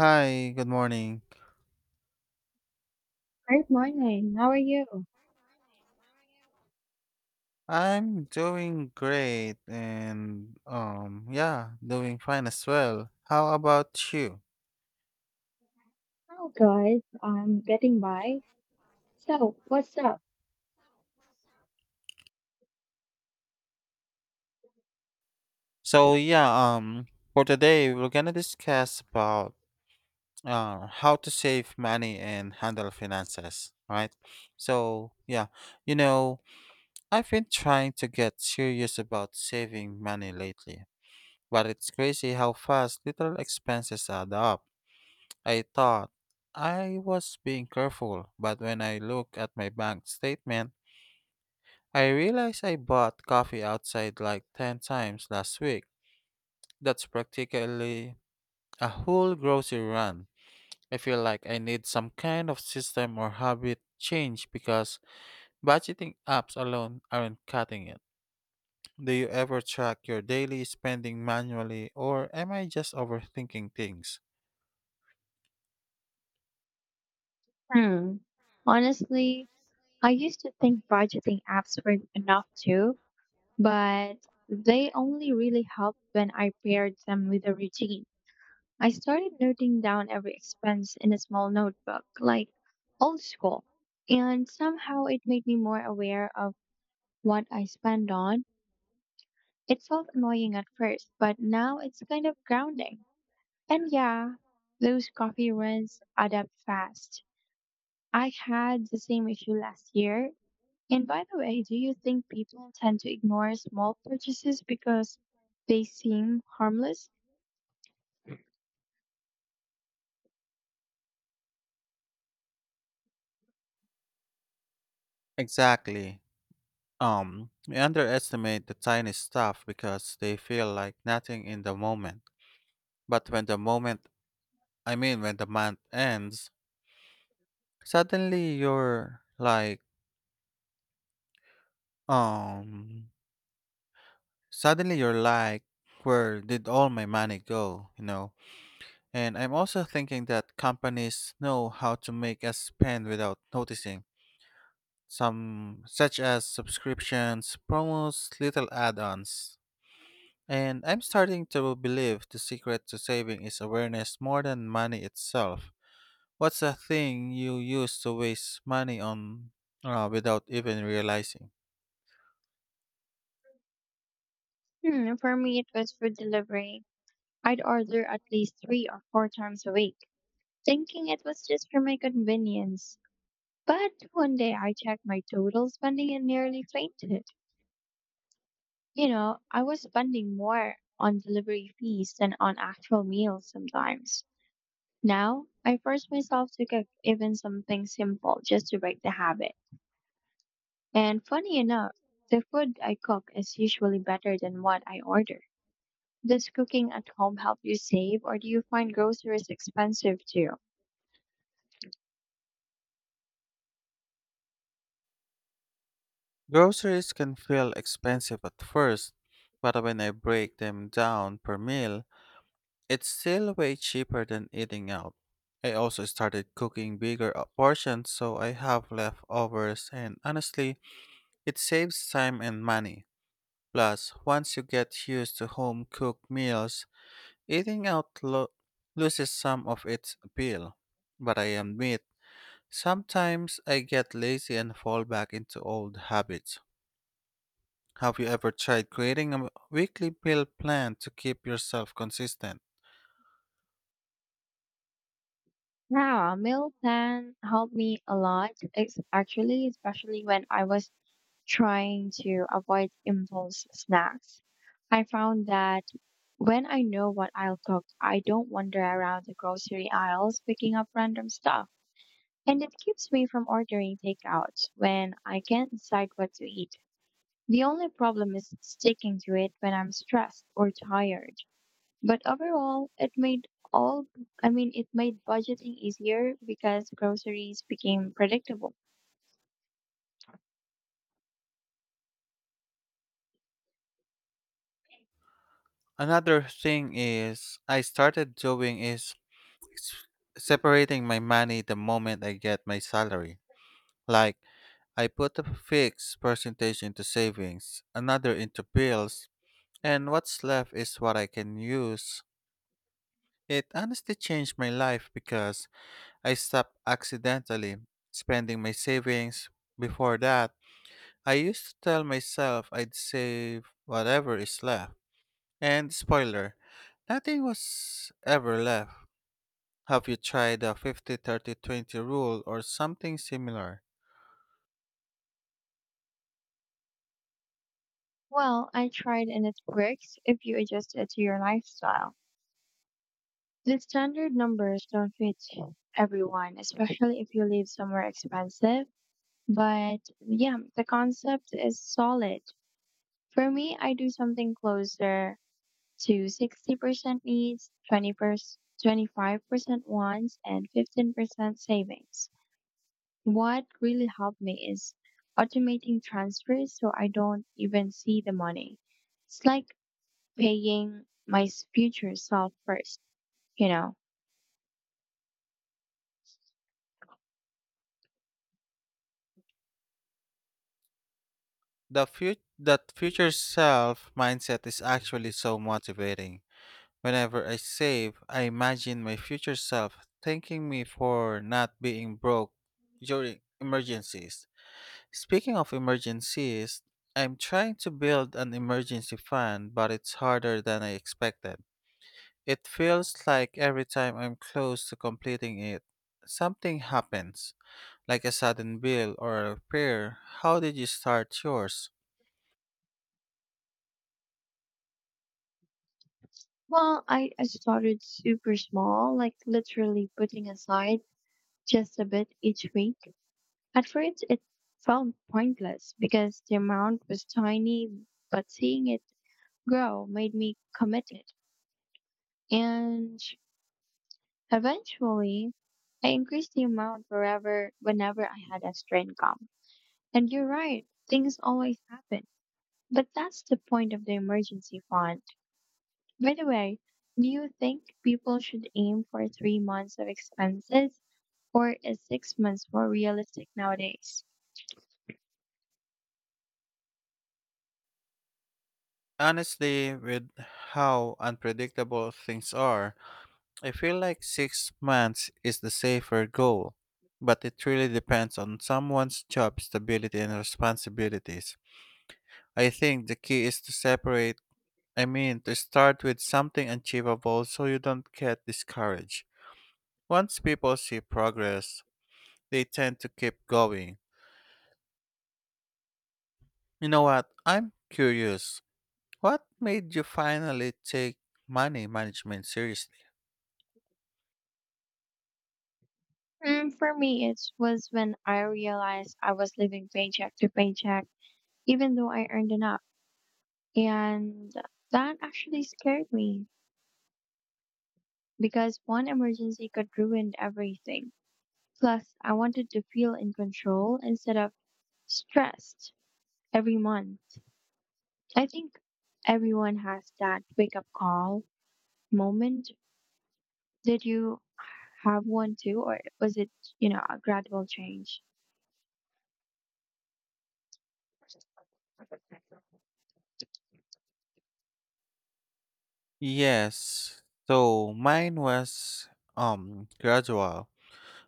Hi, good morning. Great morning. How are you? I'm doing great and yeah, doing fine as well. How about you? Oh, good. I'm getting by. So, what's up? So um for today we're gonna discuss about how to save money and handle finances, right? So yeah, you know, I've been trying to get serious about saving money lately, but it's crazy how fast little expenses add up. I thought I was being careful, but when I look at my bank statement, I realize I bought coffee outside like 10 times last week. That's practically a whole grocery run. I feel like I need some kind of system or habit change because budgeting apps alone aren't cutting it. Do you ever track your daily spending manually or am I just overthinking things? Hmm. Honestly, I used to think budgeting apps were enough too, but they only really helped when I paired them with a routine. I started noting down every expense in a small notebook, like old school, and somehow it made me more aware of what I spend on. It felt annoying at first, but now it's kind of grounding. And yeah, those coffee runs add up fast. I had the same issue last year. And by the way, do you think people tend to ignore small purchases because they seem harmless? Exactly. We underestimate the tiny stuff because they feel like nothing in the moment. But when the moment, I mean, when the month ends, suddenly you're like, um, suddenly you're like, where did all my money go? You know? And I'm also thinking that companies know how to make us spend without noticing. Some, such as subscriptions, promos, little add ons. And I'm starting to believe the secret to saving is awareness more than money itself. What's a thing you used to waste money on without even realizing? Hmm, for me, it was food delivery. I'd order at least 3 or 4 times a week, thinking it was just for my convenience. But one day I checked my total spending and nearly fainted. You know, I was spending more on delivery fees than on actual meals sometimes. Now, I force myself to cook even something simple just to break the habit. And funny enough, the food I cook is usually better than what I order. Does cooking at home help you save, or do you find groceries expensive too? Groceries can feel expensive at first, but when I break them down per meal, it's still way cheaper than eating out. I also started cooking bigger portions so I have leftovers, and honestly, it saves time and money. Plus, once you get used to home cooked meals, eating out loses some of its appeal. But I admit, sometimes I get lazy and fall back into old habits. Have you ever tried creating a weekly meal plan to keep yourself consistent? Yeah, a meal plan helped me a lot, actually, especially when I was trying to avoid impulse snacks. I found that when I know what I'll cook, I don't wander around the grocery aisles picking up random stuff. And it keeps me from ordering takeout when I can't decide what to eat. The only problem is sticking to it when I'm stressed or tired. But overall, it made all, I mean, it made budgeting easier because groceries became predictable. Another thing is I started doing is separating my money the moment I get my salary. Like I put a fixed percentage into savings, another into bills, and what's left is what I can use. It honestly changed my life because I stopped accidentally spending my savings. Before that, I used to tell myself I'd save whatever is left. And spoiler, nothing was ever left. Have you tried the 50/30/20 rule or something similar? Well, I tried and it works if you adjust it to your lifestyle. The standard numbers don't fit everyone, especially if you live somewhere expensive. But yeah, the concept is solid. For me, I do something closer to 60% needs, 25% wants, and 15% savings. What really helped me is automating transfers so I don't even see the money. It's like paying my future self first, you know. That future self mindset is actually so motivating. Whenever I save, I imagine my future self thanking me for not being broke during emergencies. Speaking of emergencies, I'm trying to build an emergency fund, but it's harder than I expected. It feels like every time I'm close to completing it, something happens, like a sudden bill or a prayer. How did you start yours? Well, I started super small, like literally putting aside just a bit each week. At first, it felt pointless because the amount was tiny, but seeing it grow made me committed. And eventually, I increased the amount whenever I had extra income. And you're right, things always happen. But that's the point of the emergency fund. By the way, do you think people should aim for 3 months of expenses or is 6 months more realistic nowadays? Honestly, with how unpredictable things are, I feel like 6 months is the safer goal, but it really depends on someone's job stability and responsibilities. I think the key is to separate, I mean, to start with something achievable so you don't get discouraged. Once people see progress, they tend to keep going. You know what? I'm curious. What made you finally take money management seriously? Mm, for me, it was when I realized I was living paycheck to paycheck, even though I earned enough. And that actually scared me because one emergency could ruin everything. Plus, I wanted to feel in control instead of stressed every month. I think everyone has that wake up call moment. Did you have one too, or was it, you know, a gradual change? Yes. So mine was gradual,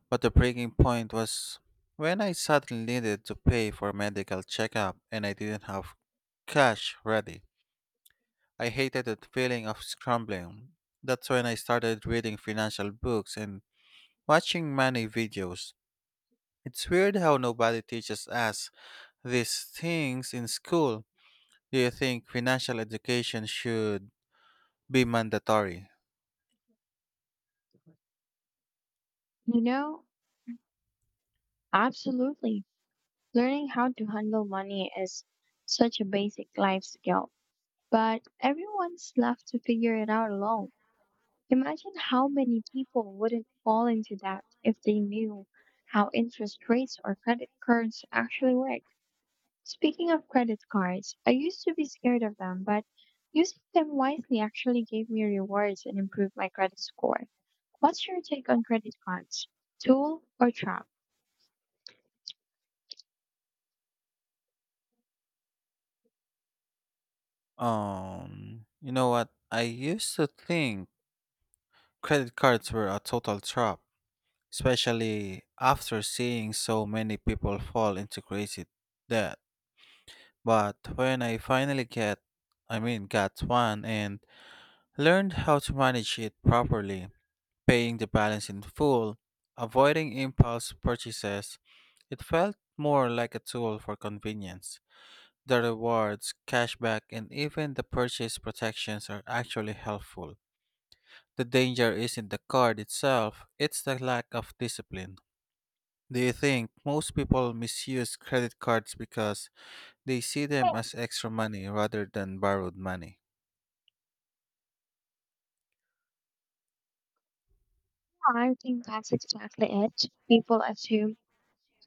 but the breaking point was when I suddenly needed to pay for medical checkup and I didn't have cash ready. I hated the feeling of scrambling. That's when I started reading financial books and watching money videos. It's weird how nobody teaches us these things in school. Do you think financial education should be mandatory? You know, absolutely. Learning how to handle money is such a basic life skill, but everyone's left to figure it out alone. Imagine how many people wouldn't fall into that if they knew how interest rates or credit cards actually work. Speaking of credit cards, I used to be scared of them, but using them wisely actually gave me rewards and improved my credit score. What's your take on credit cards? Tool or trap? You know what? I used to think credit cards were a total trap, especially after seeing so many people fall into crazy debt. But when I finally get, I mean, got one and learned how to manage it properly, paying the balance in full, avoiding impulse purchases, it felt more like a tool for convenience. The rewards, cashback, and even the purchase protections are actually helpful. The danger isn't the card itself, it's the lack of discipline. Do you think most people misuse credit cards because they see them Oh, as extra money rather than borrowed money? I think that's exactly it. People assume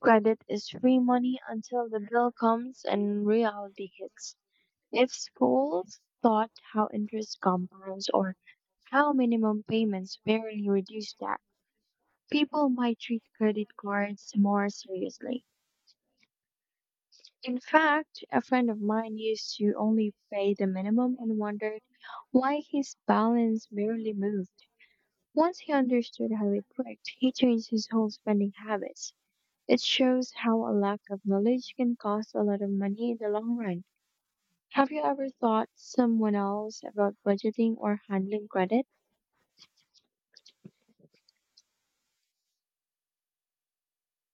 credit is free money until the bill comes and reality hits. If schools thought how interest compounds or how minimum payments barely reduce debt, people might treat credit cards more seriously. In fact, a friend of mine used to only pay the minimum and wondered why his balance barely moved. Once he understood how it worked, he changed his whole spending habits. It shows how a lack of knowledge can cost a lot of money in the long run. Have you ever thought someone else about budgeting or handling credit?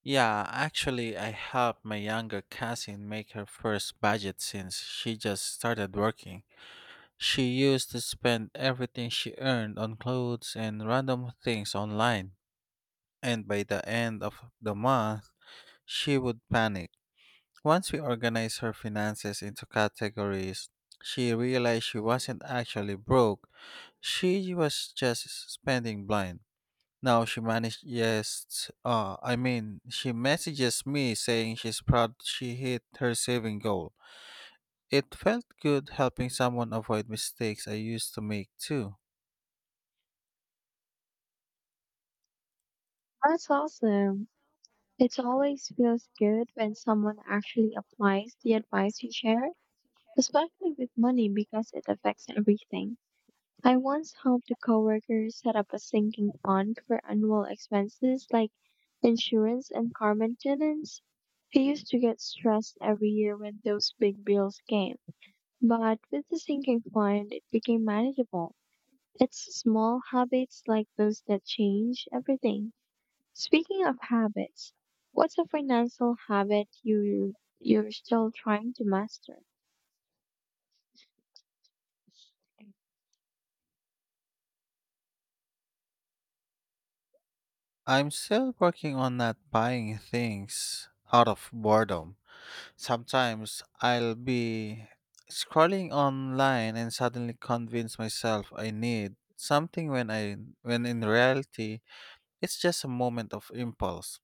Yeah, actually, I helped my younger cousin make her first budget since she just started working. She used to spend everything she earned on clothes and random things online, and by the end of the month, she would panic. Once we organized her finances into categories, she realized she wasn't actually broke. She was just spending blind. I mean, she messages me saying she's proud she hit her saving goal. It felt good helping someone avoid mistakes I used to make too. That's awesome. It always feels good when someone actually applies the advice you share, especially with money because it affects everything. I once helped a coworker set up a sinking fund for annual expenses like insurance and car maintenance. He used to get stressed every year when those big bills came. But with the sinking fund, it became manageable. It's small habits like those that change everything. Speaking of habits, what's a financial habit you're still trying to master? I'm still working on not buying things out of boredom. Sometimes I'll be scrolling online and suddenly convince myself I need something when in reality it's just a moment of impulse.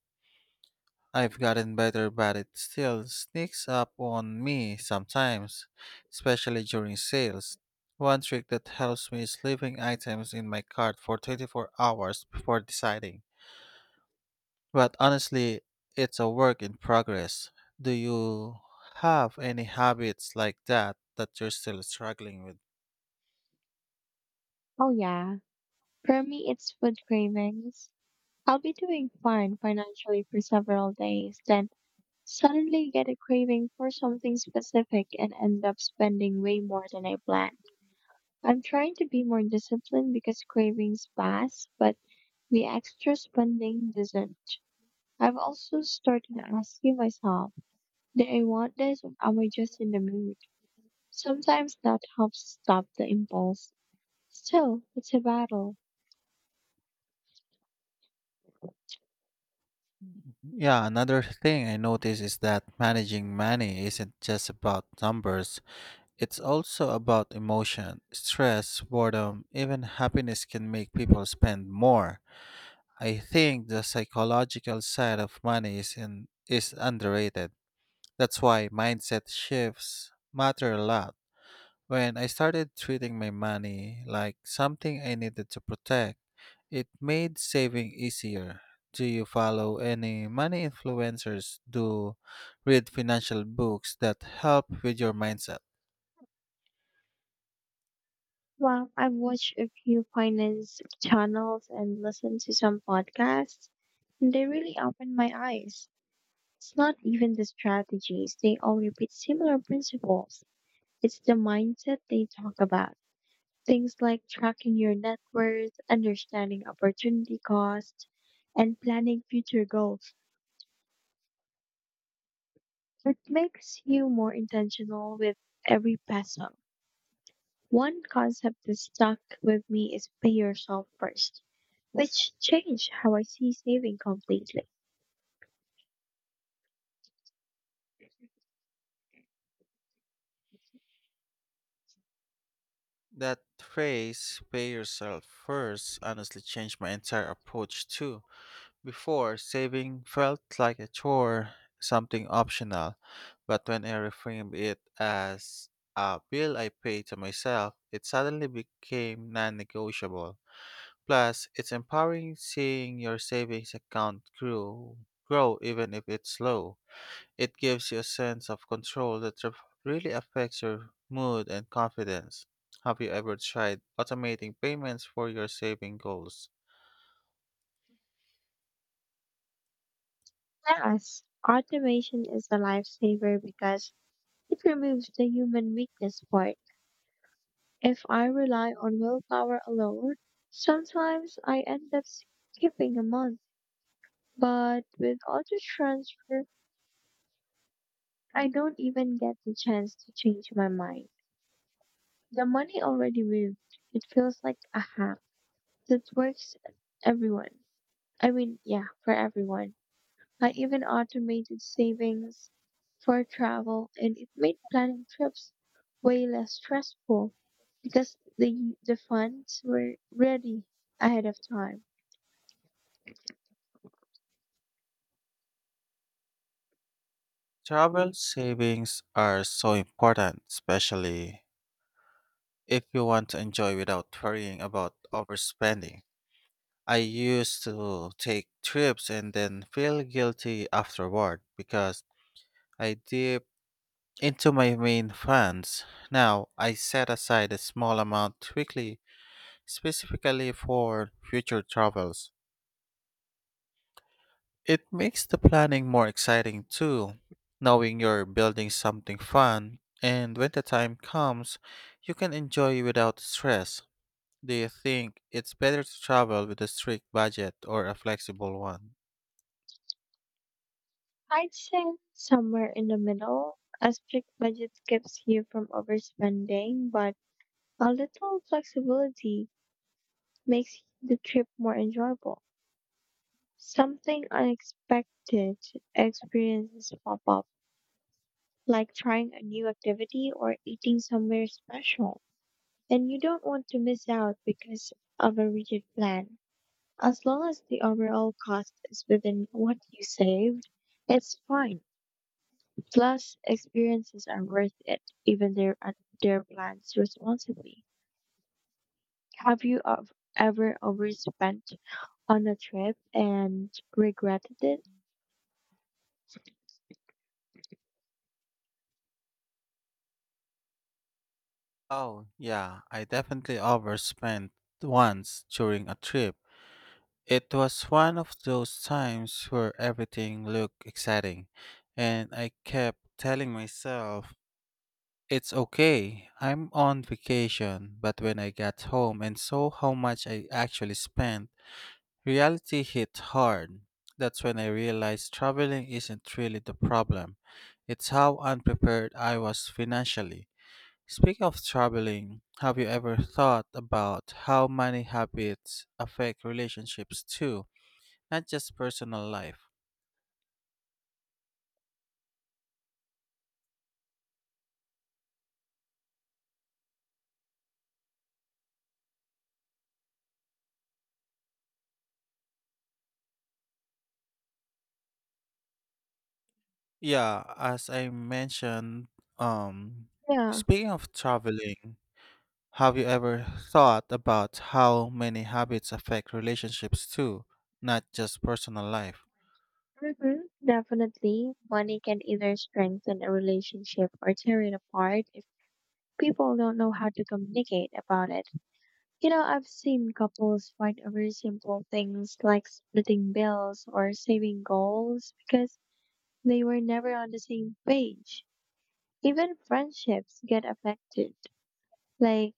I've gotten better but it still sneaks up on me sometimes, especially during sales. One trick that helps me is leaving items in my cart for 24 hours before deciding. But honestly, it's a work in progress. Do you have any habits like that that you're still struggling with? Oh yeah, for me it's food cravings. I'll be doing fine financially for several days, then suddenly get a craving for something specific and end up spending way more than I planned. I'm trying to be more disciplined because cravings pass, but the extra spending doesn't. I've also started asking myself, do I want this or am I just in the mood? Sometimes that helps stop the impulse. Still, it's a battle. Yeah, another thing I notice is that managing money isn't just about numbers. It's also about emotion, stress, boredom, even happiness can make people spend more. I think the psychological side of money is in, is underrated. That's why mindset shifts matter a lot. When I started treating my money like something I needed to protect, it made saving easier. Do you follow any money influencers? Do read financial books that help with your mindset? Well, I've watched a few finance channels and listened to some podcasts, and they really opened my eyes. It's not even the strategies, they all repeat similar principles. It's the mindset they talk about. Things like tracking your net worth, understanding opportunity costs, and planning future goals. It makes you more intentional with every peso. One concept that stuck with me is pay yourself first, which changed how I see saving completely. That phrase, pay yourself first, honestly changed my entire approach too. Before, saving felt like a chore, something optional, but when I reframed it as a bill I pay to myself, it suddenly became non negotiable. Plus, it's empowering seeing your savings account grow even if it's slow. It gives you a sense of control that really affects your mood and confidence. Have you ever tried automating payments for your saving goals? Yes, automation is a lifesaver because it removes the human weakness part. If I rely on willpower alone, sometimes I end up skipping a month. But with auto transfer, I don't even get the chance to change my mind. The money already moved. It feels like a hack that works everyone. Yeah, for everyone. I even automated savings for travel and it made planning trips way less stressful because the funds were ready ahead of time. Travel savings are so important, especially if you want to enjoy without worrying about overspending. I used to take trips and then feel guilty afterward because I dipped into my main funds. Now I set aside a small amount weekly specifically for future travels. It makes the planning more exciting too, knowing you're building something fun, and when the time comes, you can enjoy without stress. Do you think it's better to travel with a strict budget or a flexible one? I'd say somewhere in the middle. A strict budget keeps you from overspending, but a little flexibility makes the trip more enjoyable. Something unexpected experiences pop up, like trying a new activity or eating somewhere special. And you don't want to miss out because of a rigid plan. As long as the overall cost is within what you saved, it's fine. Plus, experiences are worth it, even their plans responsibly. Have you ever overspent on a trip and regretted it? Oh, yeah, I definitely overspent once during a trip. It was one of those times where everything looked exciting, and I kept telling myself it's okay. I'm on vacation, but when I got home and saw how much I actually spent, reality hit hard. That's when I realized traveling isn't really the problem. It's how unprepared I was financially. Speaking of traveling, have you ever thought about how money habits affect relationships too, not just personal life? Yeah, as I mentioned, um, Yeah, speaking of traveling, have you ever thought about how many habits affect relationships too, not just personal life? mhm, definitely. Money can either strengthen a relationship or tear it apart if people don't know how to communicate about it. You know, I've seen couples fight over simple things like splitting bills or saving goals because they were never on the same page. Even friendships get affected. Like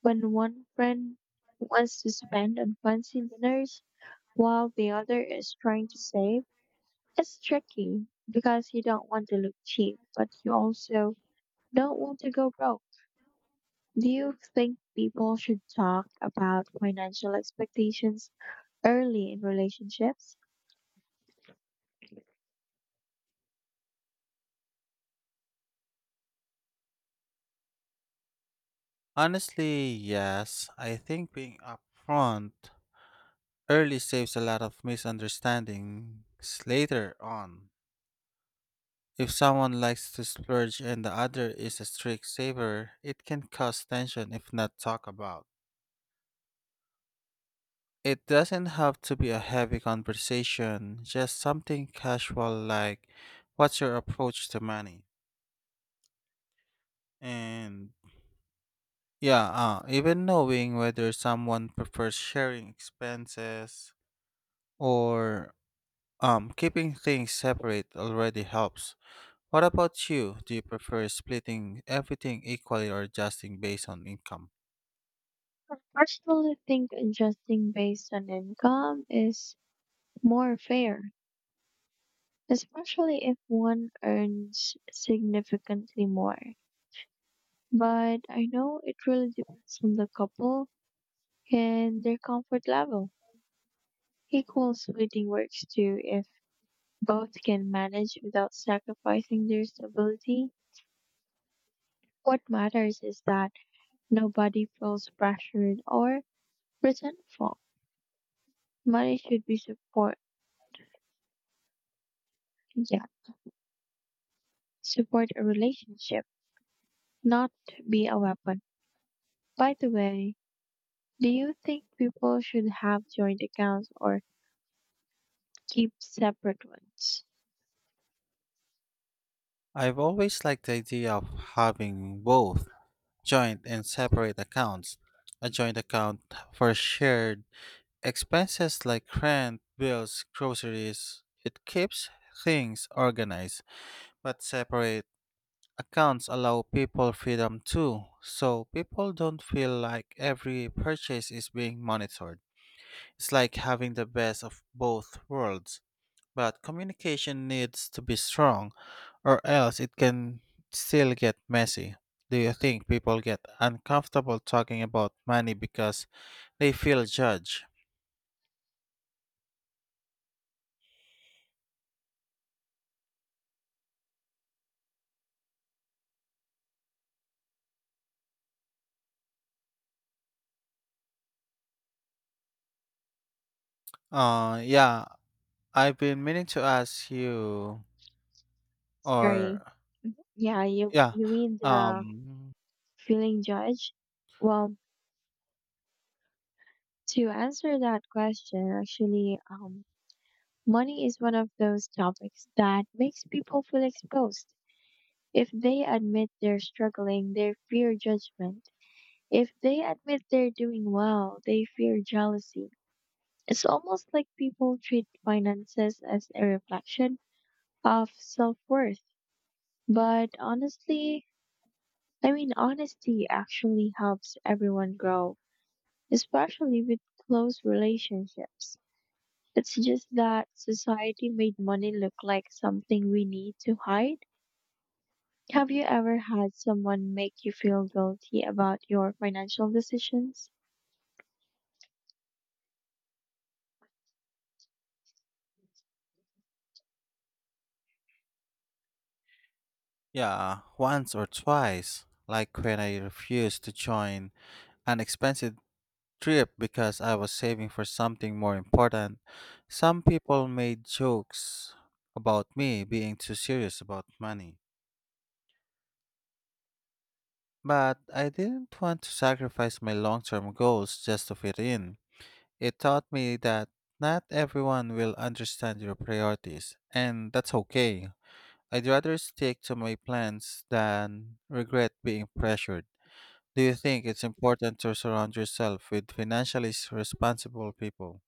when one friend wants to spend on fancy dinners while the other is trying to save. It's tricky because you don't want to look cheap, but you also don't want to go broke. Do you think people should talk about financial expectations early in relationships? Honestly, yes. I think being upfront early saves a lot of misunderstandings later on. If someone likes to splurge and the other is a strict saver, it can cause tension if not talked about. It doesn't have to be a heavy conversation, just something casual like, what's your approach to money? And yeah, even knowing whether someone prefers sharing expenses or keeping things separate already helps. What about you? Do you prefer splitting everything equally or adjusting based on income? I personally think adjusting based on income is more fair, especially if one earns significantly more. But I know it really depends on the couple and their comfort level. Equal splitting works too if both can manage without sacrificing their stability. What matters is that nobody feels pressured or resentful. Money should be support, yeah, support a relationship, not be a weapon. By the way, do you think people should have joint accounts or keep separate ones? I've always liked the idea of having both joint and separate accounts. A joint account for shared expenses like rent, bills, groceries. It keeps things organized, but separate accounts allow people freedom too, so people don't feel like every purchase is being monitored. It's like having the best of both worlds. But communication needs to be strong, or else it can still get messy. Do you think people get uncomfortable talking about money because they feel judged? Yeah, I've been meaning to ask you, Sorry. or Yeah, you yeah, mean the um, feeling judged? Well, to answer that question, money is one of those topics that makes people feel exposed. If they admit they're struggling, they fear judgment. If they admit they're doing well, they fear jealousy. It's almost like people treat finances as a reflection of self worth. But honesty actually helps everyone grow, especially with close relationships. It's just that society made money look like something we need to hide. Have you ever had someone make you feel guilty about your financial decisions? yeah, once or twice, like when I refused to join an expensive trip because I was saving for something more important. Some people made jokes about me being too serious about money. But I didn't want to sacrifice my long term goals just to fit in. It taught me that not everyone will understand your priorities, and that's okay. I'd rather stick to my plans than regret being pressured. Do you think it's important to surround yourself with financially responsible people?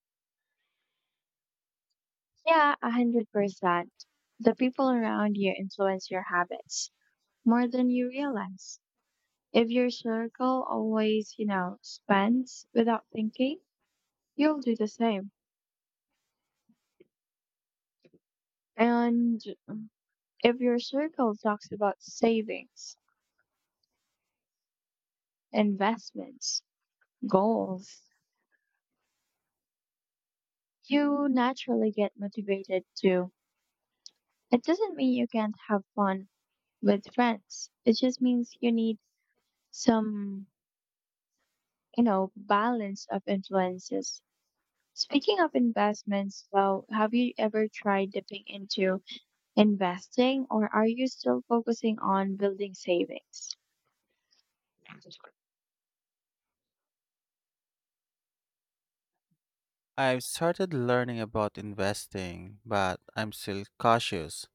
Yeah, 100%. The people around you influence your habits more than you realize. If your circle always, you know, spends without thinking, you'll do the same. And um, if your circle talks about savings, investments, goals, you naturally get motivated too. It doesn't mean you can't have fun with friends. It just means you need some, you know, balance of influences. Speaking of investments, well, have you ever tried dipping into investing or are you still focusing on building savings? I've started learning about investing, but I'm still cautious.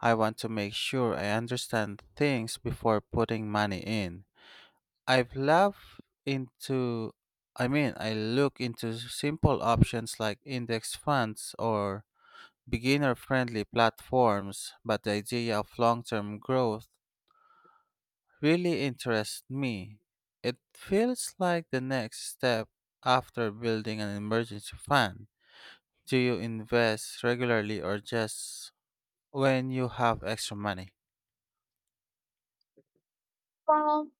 I want to make sure I understand things before putting money in. I've loved into I mean, I look into simple options like index funds or beginner-friendly platforms, but the idea of long-term growth really interests me. It feels like the next step after building an emergency fund. Do you invest regularly or just when you have extra money? Well,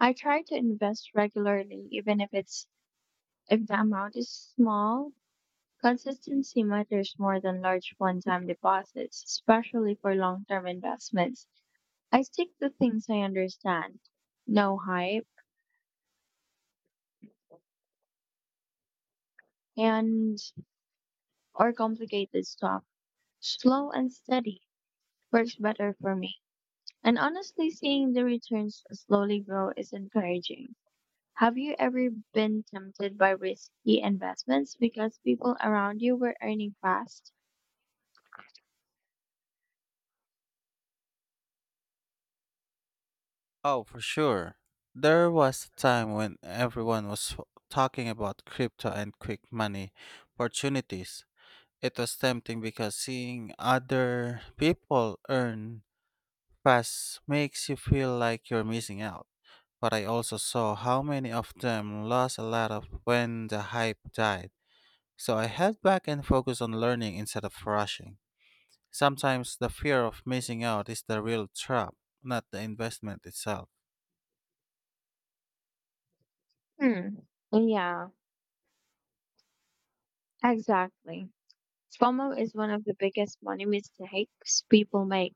I try to invest regularly, even if the amount is small. Consistency matters more than large one-time deposits, especially for long-term investments. I stick to things I understand, no hype, and or complicated stuff. Slow and steady works better for me. And honestly, seeing the returns slowly grow is encouraging. Have you ever been tempted by risky investments because people around you were earning fast? Oh, for sure. There was a time when talking about crypto and quick money opportunities. It was tempting because seeing other people earn fast makes you feel like you're missing out. But I also saw how many of them lost a lot of when the hype died. So I head back and focus on learning instead of rushing. Sometimes the fear of missing out is the real trap, not the investment itself. Hmm. Yeah, exactly. FOMO is one of the biggest money mistakes people make.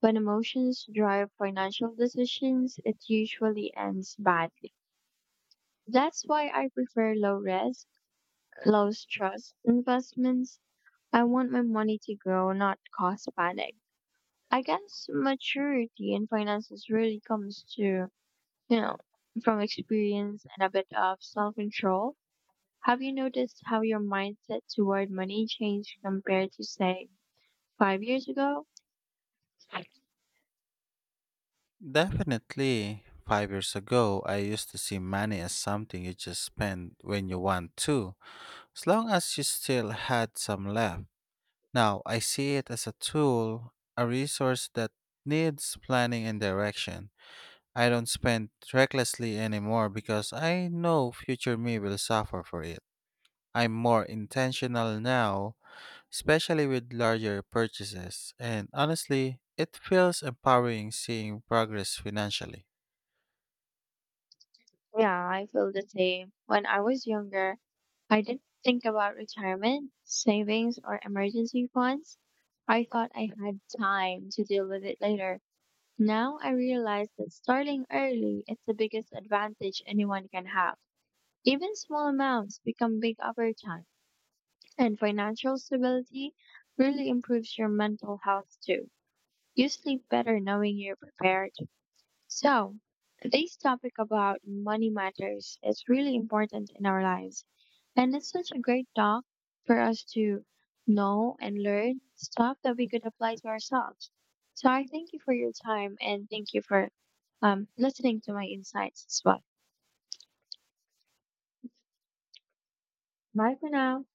When emotions drive financial decisions, it usually ends badly. That's why I prefer low risk, low stress investments. I want my money to grow, not cause panic. I guess maturity in finances really comes to, you know, from experience and a bit of self control. Have you noticed how your mindset toward money changed compared to, say, 5 years ago? Definitely, 5 years ago, I used to see money as something you just spend when you want to, as long as you still had some left. Now, I see it as a tool, a resource that needs planning and direction. I don't spend recklessly anymore because I know future me will suffer for it. I'm more intentional now especially with larger purchases, and honestly, it feels empowering seeing progress financially. Yeah, I feel the same. When I was younger, I didn't think about retirement, savings, or emergency funds. I thought I had time to deal with it later. Now I realize that starting early is the biggest advantage anyone can have. Even small amounts become big over time, and financial stability really improves your mental health too. You sleep better knowing you're prepared. So, this topic about money matters is really important in our lives. And it's such a great talk for us to know and learn stuff that we could apply to ourselves. So, I thank you for your time and thank you for listening to my insights as well. Bye for now.